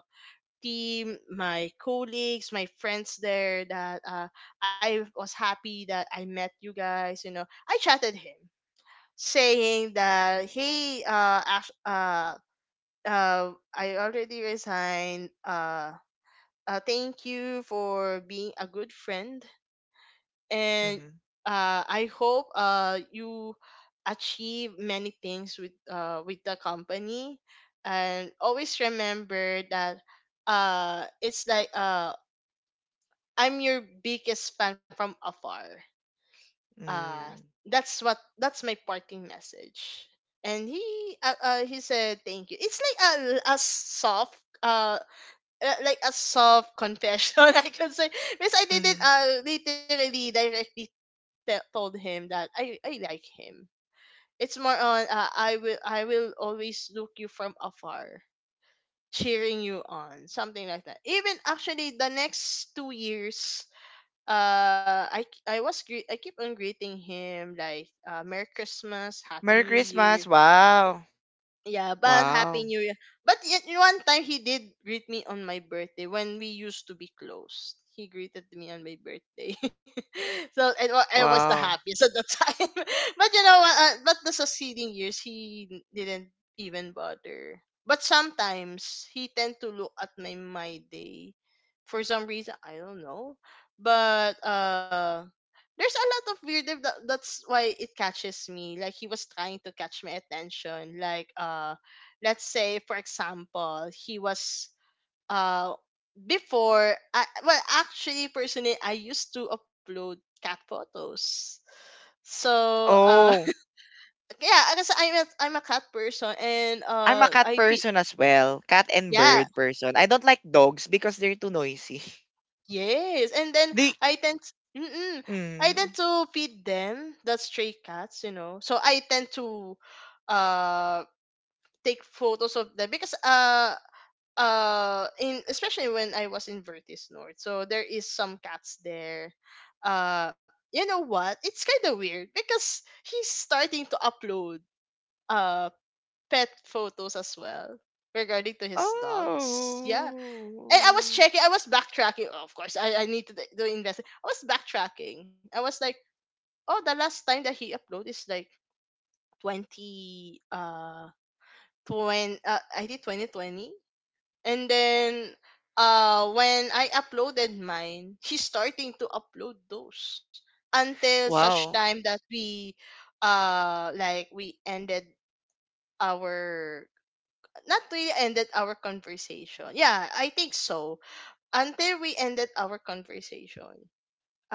team, my colleagues, my friends there. That I was happy that I met you guys. I chatted him saying that hey, I already resigned. Thank you for being a good friend, and
mm,
I hope, you achieve many things with, with the company, and always remember that, it's like, I'm your biggest fan from afar. Uh,
mm,
that's my parting message. And he said thank you. It's like a soft, uh like a soft confession, I can say, because I didn't
mm.
literally directly told him that I like him. It's more on, I will always look you from afar, cheering you on, something like that. Even actually the next 2 years, I keep on greeting him, like, Merry Christmas, Happy
Merry
New Year.
Christmas. Wow.
Yeah, but Happy
Wow.
New Year. But yet one time he did greet me on my birthday when we used to be close. He greeted me on my birthday. So I was the
Wow.
happiest at the time. But you know what? But the succeeding years, he didn't even bother. But sometimes he tend to look at my day, for some reason. I don't know. But There's a lot of weird that's why it catches me, like he was trying to catch my attention, like, let's say, for example, he was uh before I, well, actually, personally, I used to upload cat photos, so,
Oh,
yeah, I guess I'm a cat person, and
I'm a cat
I feed.
person as well. Cat and
Yeah.
bird person. I don't like dogs because they're too noisy.
Yes. And then
The
i tend
They.
I tend to feed them, the stray cats, you know. So I tend to, uh take photos of them, because in especially when I was in Vertis North, so there is some cats there. You know what? It's kind of weird because he's starting to upload, uh pet photos as well, regarding to his dogs. Yeah. And I was
Oh.
checking, I was backtracking. Oh, of course, I need to do invest. I was backtracking. I was like, oh, the last time that he uploaded is like 20 20 I think 2020. And then, when I uploaded mine, he's starting to upload those, until such
Wow.
time that we like we ended our, not really ended our conversation. Yeah, I think so. Until we ended our conversation,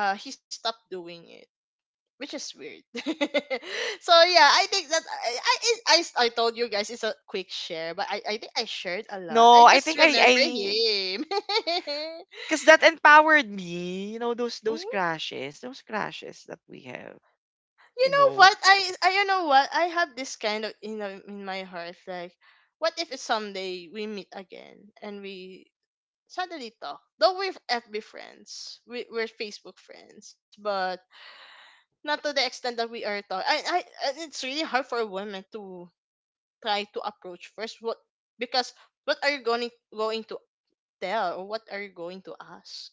he stopped doing it, which is weird. So yeah, I think that, I told you guys it's a quick share, but I think I shared a lot.
No,
I
I
just
think I
remember
I
him.
because that empowered me, those
Ooh.
crashes that we have,
You
you
know what?
know.
I You know what? I have this kind of, in my heart, like, what if someday we meet again and we suddenly talk? Though we're FB friends, we're Facebook friends, but not to the extent that we are talking. It's really hard for a woman to try to approach first. What, because what are you going to tell, or what are you going to ask,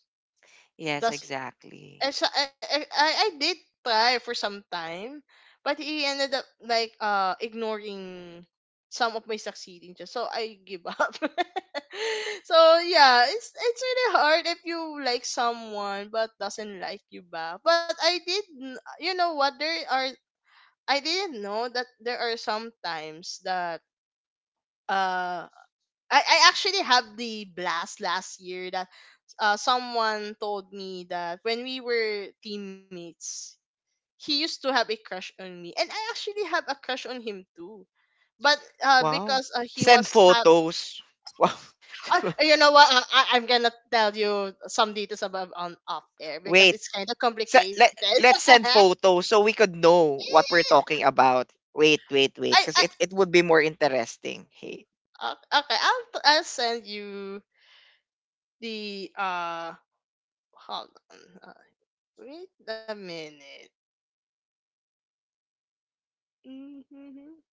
Yes,
does
exactly.
and so I, sa- I did try for some time, but he ended up like, ignoring some of my succeeding, just so I give up. So yeah, it's really hard if you like someone but doesn't like you back. But you know what, there are I didn't know that there are some times that, uh I actually had the blast last year, that, someone told me that when we were teammates, he used to have a crush on me. And I actually have a crush on him, too. But,
Wow.
because he
Send
was, ha-
photos. Wow.
you know what? I'm gonna tell you some details about, on off air, because
Wait.
it's kind of
Se-
complicated.
let, let's send photos so we could know what we're talking about. Wait, wait, wait,
I, I
because it would be more interesting. Hey,
okay. I'll send you the, hold on. Uh, Wait a minute. Mhm,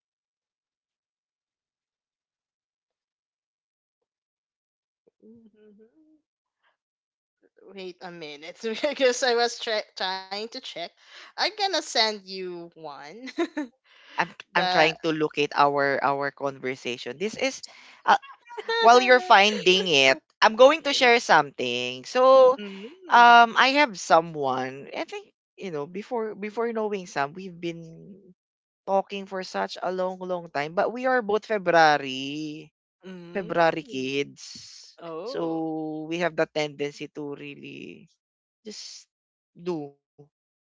mhm. Wait a minute, because I was trying to check. I'm gonna send you one.
I'm I'm
the
trying to locate our conversation. I, while you're finding it, I'm going to share something. So,
mm,
I have someone. I think you know before knowing Sam, we've been talking for such a long, long time. But we are both February
mm.
kids,
Oh.
so we have the tendency to really just do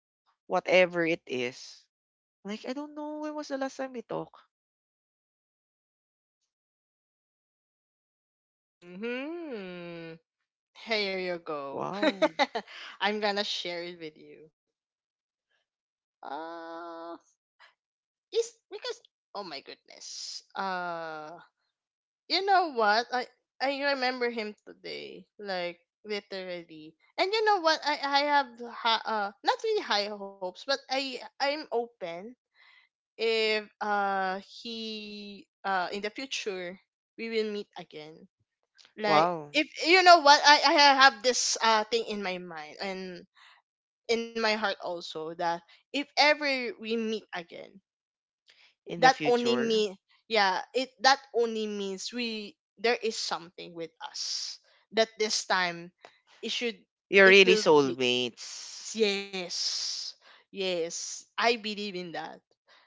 whatever it is. Like I don't know when was the last time we talk.
hmm Here you go.
Wow,
I'm gonna share it with you. Uh, is because Oh my goodness. You know what? I remember him today, like, literally. And you know what? I have not really high hopes, but I'm open if, he, in the future, we will meet again. Like,
wow.
if you know what, I have this, thing in my mind, and in my heart also, that if ever we meet again,
In the
that only
future,
mean, yeah, it that only means we, there is something with us, that this time, it should,
you're
it
really
will be,
soulmates.
yes. Yes, I believe in that.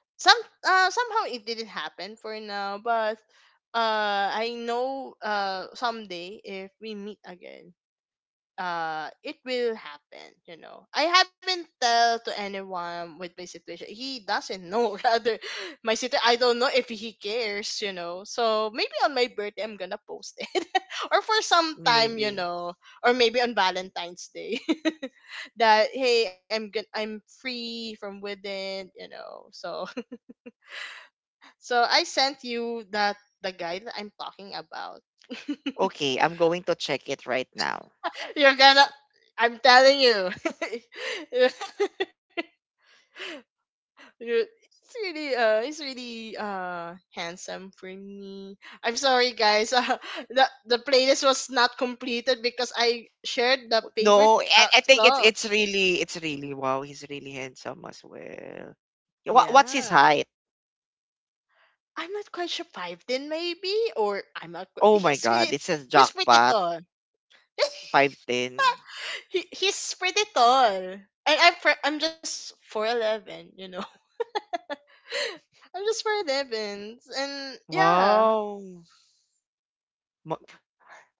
some Somehow it didn't happen for now, but, I know, someday if we meet again, it will happen. You know, I haven't tell to anyone with my situation. He doesn't know. Rather, my situation, I don't know if he cares, you know. So maybe on my birthday I'm gonna post it, or for some time, you
Maybe.
know. Or maybe on Valentine's Day, that, hey, I'm good, I'm free from within, you know. So so I sent you that, the guy that I'm talking about.
Okay, I'm going to check it right now.
You're gonna, I'm telling you. Ru- It's really, handsome for me. I'm sorry, guys. The playlist was not completed because I shared the favorite,
No, I, I think it's
song.
it's really it's really wow, he's really handsome as well. Yeah. What's
Yeah.
his height?
I'm not quite sure, five then, maybe, or I'm not
Oh my
he's really,
god, it says
he's pretty
jackpot
tall.
5'10".
He's pretty tall. And I'm just 4'11, you know. I'm just 4'11, and yeah.
Wow.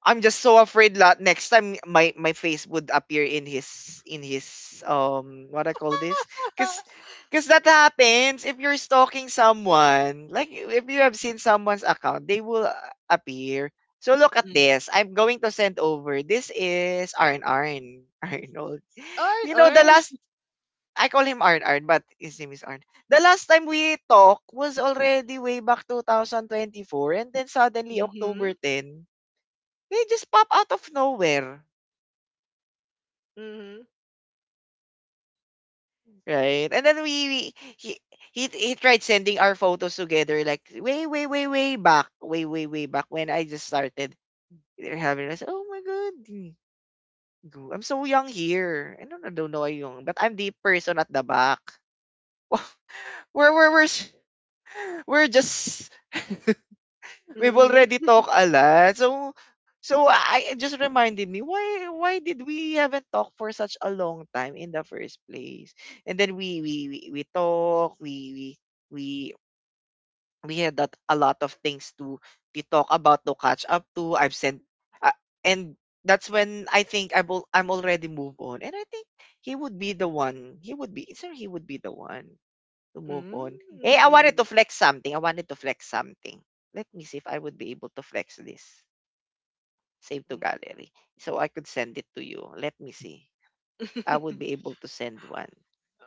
I'm just so afraid that next time my face would appear in his what I call this, because because that happens if you're stalking someone, like if you have seen someone's account, they will appear. So look at
Mm.
this. I'm going to send over. This is Arn Arn Arnold.
Orn,
You know, the
Orn.
last I call him Arn Arn, but his name is Arn. The last time we talked was already way back 2024, and then suddenly October
Mhm.
10 they just pop out of nowhere,
Mhm.
right? And then we he, he tried sending our photos together like way way way way back, way way way back when I just started having. I said, oh my god, I'm so young here. I don't know, but I'm the person at the back. We're s- we're just We've already
Mhm.
talked a lot. So so I it just reminded me why did we haven't talked for such a long time in the first place? And then we we had that a lot of things to talk about to catch up to. I've sent, uh, and that's when I think I'm already move on. And I think he would be the one. He would be the one to move on. Hey, I wanted
Mm.
to flex something. I wanted to flex something. Let me see if I would be able to flex this. Save to
Mm.
gallery. So I could send it to you. Let me see. I would be able to send one.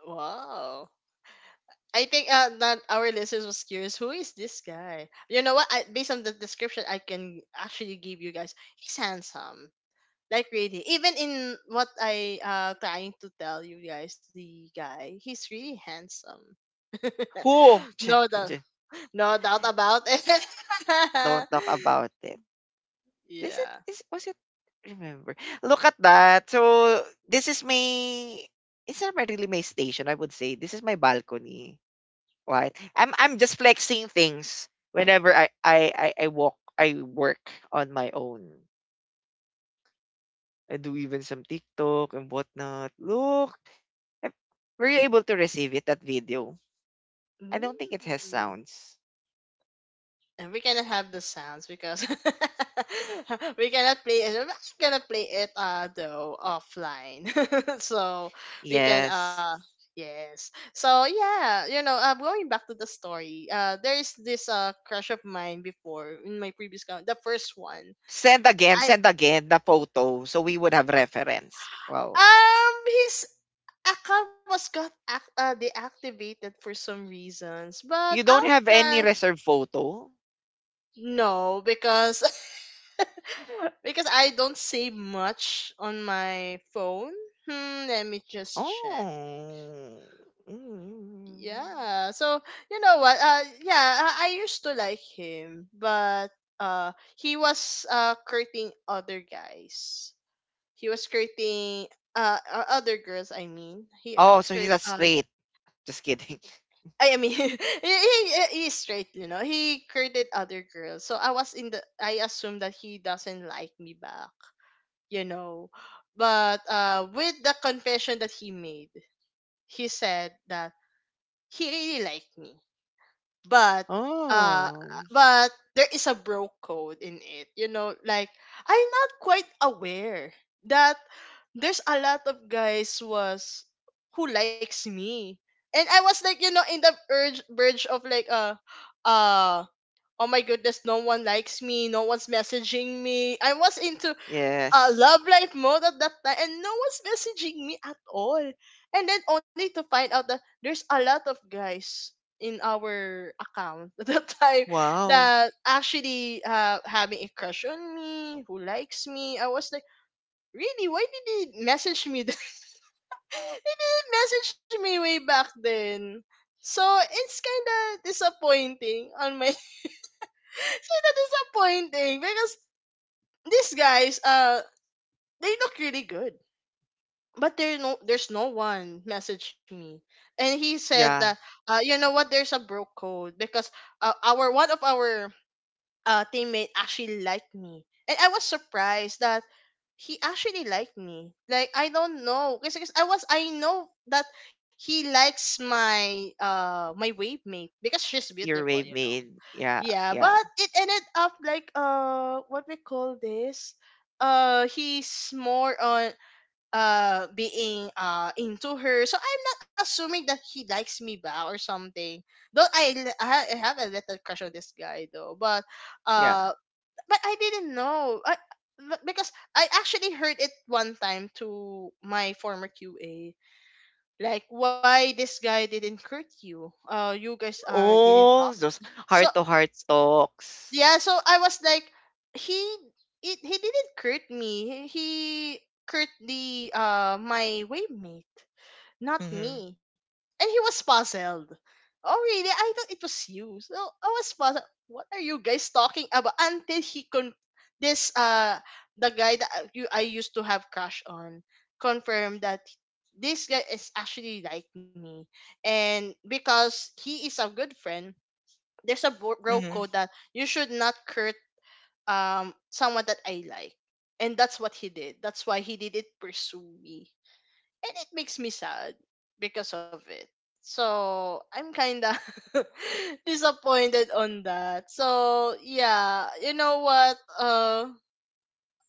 Wow. I think, that our listeners was curious. Who is this guy? You know what? Based on the description, I can actually give you guys. He's handsome, like, really. Even in what I, trying to tell you guys, the guy, he's really handsome.
Who?
No doubt, no doubt about it.
Don't talk about it. Is it
Yeah.
is Was it, remember? Look at that. So this is my it's not my- really my station, I would say. This is my balcony. Right? I'm just flexing things whenever I work on my own. I do even some TikTok and whatnot. Look, I- were you able to receive it, that video? I don't think it has
Mm.
sounds.
And we cannot have the sounds, because we cannot play it. I'm actually gonna play it, though offline, so we can,
Yes.
yes. So yeah, you know, going back to the story, there is this, crush of mine before, in my previous count, the first one. I
Send again the photo so we would have reference. Wow.
um his account was got deactivated for some reasons, but
You don't
I'll
have
try.
any reserved photo?
No, because because I don't save much on my phone. Hmm, let me just check.
Oh. Mm.
Yeah. So you know what? Yeah, I used to like him, but, uh, he was, courting other guys. He was courting, other girls. I mean, he
Oh,
court
so he's not straight. Just kidding.
I mean, he's straight. You know, he courted other girls. So I was in the I assumed that he doesn't like me back, you know. But, with the confession that he made, he said that he really liked me, but, uh,
Oh,
but there is a bro code in it, you know. Like, I'm not quite aware that there's a lot of guys was who likes me, and I was like, you know, in the urge, verge of, like, uh. Oh my goodness, no one likes me, no one's messaging me. I was into a
yes.
love life mode at that time, and no one's messaging me at all. And then, only to find out that there's a lot of guys in our account at that time,
Wow.
that actually, having a crush on me, who likes me. I was like, really? Why did he message me? then? He didn't message me way back then. So it's kind of disappointing on my. It's kind of disappointing because, these guys, they look really good. But there's no one messaged me, and he said that,
Yeah.
you know what, there's a bro code because, our one of our, teammate actually liked me, and I was surprised that he actually liked me, like, I don't know, because I know that he likes my, wave mate, because she's beautiful, you
Earwave
know.
made. Yeah,
Yeah.
yeah,
But it ended up like, what we call this, he's more on, being, into her, so I'm not assuming that he likes me back or something, though I l- I ha- I have a little crush on this guy, though. But,
yeah.
uh but I didn't know. I, but Because I actually heard it one time to my former QA, like, why this guy didn't hurt you, you guys are didn't talk.
Oh, those
So
heart-to-heart talks.
yeah. So I was like, he he didn't hurt me, he hurt the my waymate, not
Mhm,
me. And he was puzzled. Oh, really? I thought it was you. So I was puzzled. What are you guys talking about? Until he con this the guy that I- you I used to have crush on, confirmed that this guy is actually like me, and because he is a good friend, there's a bro
mhm,
code that you should not hurt, someone that I like, and that's what he did. That's why he didn't pursue me, and it makes me sad because of it. So I'm kinda disappointed on that. So yeah, you know what?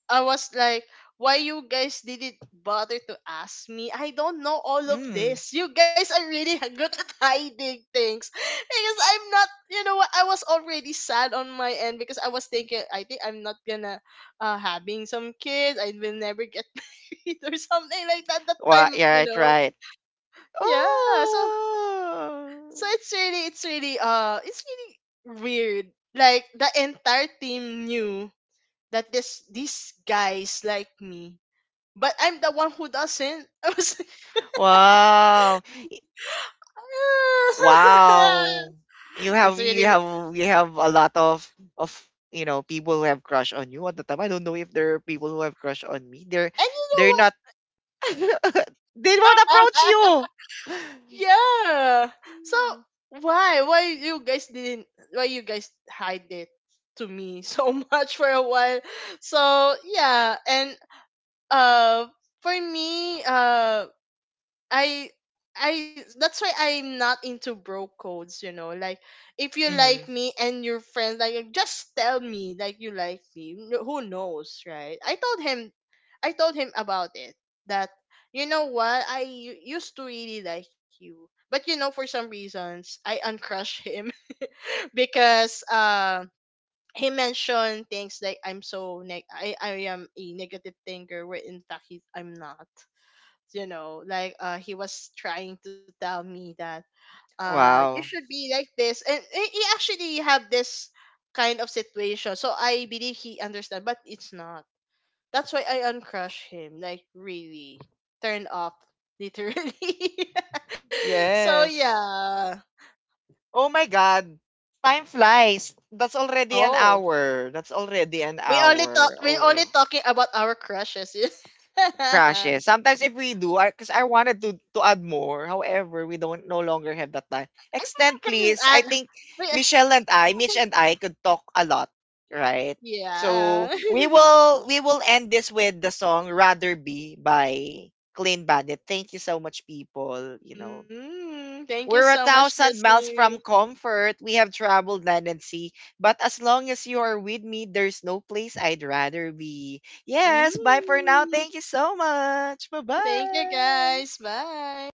I was like, why you guys didn't bother to ask me? I don't know all of
mm.
this. You guys are really good at hiding things, because I'm not. You know what? I was already sad on my end, because I was thinking, I think I'm not gonna, having some kids. I will never get married or something like that, that
Wa
time,
Yeah,
you
right,
know.
right.
Yeah, so
Oh,
it's really, it's really weird, like the entire team knew that this these guys like me, but I'm the one who doesn't. I was like,
wow, wow. You
it's
have,
really,
you have, you have a lot of people who have crush on you at the time. I don't know if there are people who have crush on me. They're
and you know
they're
what,
not. They won't approach you.
yeah. So, why you guys didn't, why you guys hide it to me so much for a while. So yeah, and, uh for me, I I that's why I'm not into bro codes, you know. Like, if you like
Mm-hmm.
me and your friends, like, just tell me, like, you like me. No- Who knows, right? I told him about it, that, you know what, used to really like you. But you know, for some reasons, I uncrushed him because, he mentioned things like, I'm so I am a negative thinker, where in fact I'm not, you know. Like, he was trying to tell me that, you
Wow.
should be like this, and he actually have this kind of situation, so I believe he understand, but it's not. That's why I uncrush him, like, really turn off, literally. So
Yes.
yeah.
Oh my God. Time flies. That's already an
Oh,
hour. That's already an hour.
we
Oh,
only
yeah.
talking about our crushes. I
Crashes. Sometimes if we do, 'cause I wanted to add more. However, we don't no longer have that time.
think we
Extend,
can
please.
add,
I think
we,
Michelle and I, Mitch and I, could talk a lot, right? So
yeah.
we will we will end this with the song "Rather Be" by Clean Bandit. Thank you so much, people. You know.
Mm, thank you so
We're a
much,
thousand miles
listener.
from comfort. We have traveled land and sea. But as long as you are with me, there's no place I'd rather be. Yes, bye for now.
Mm,
Thank you so much. Bye
thank you,
bye.
guys. Bye.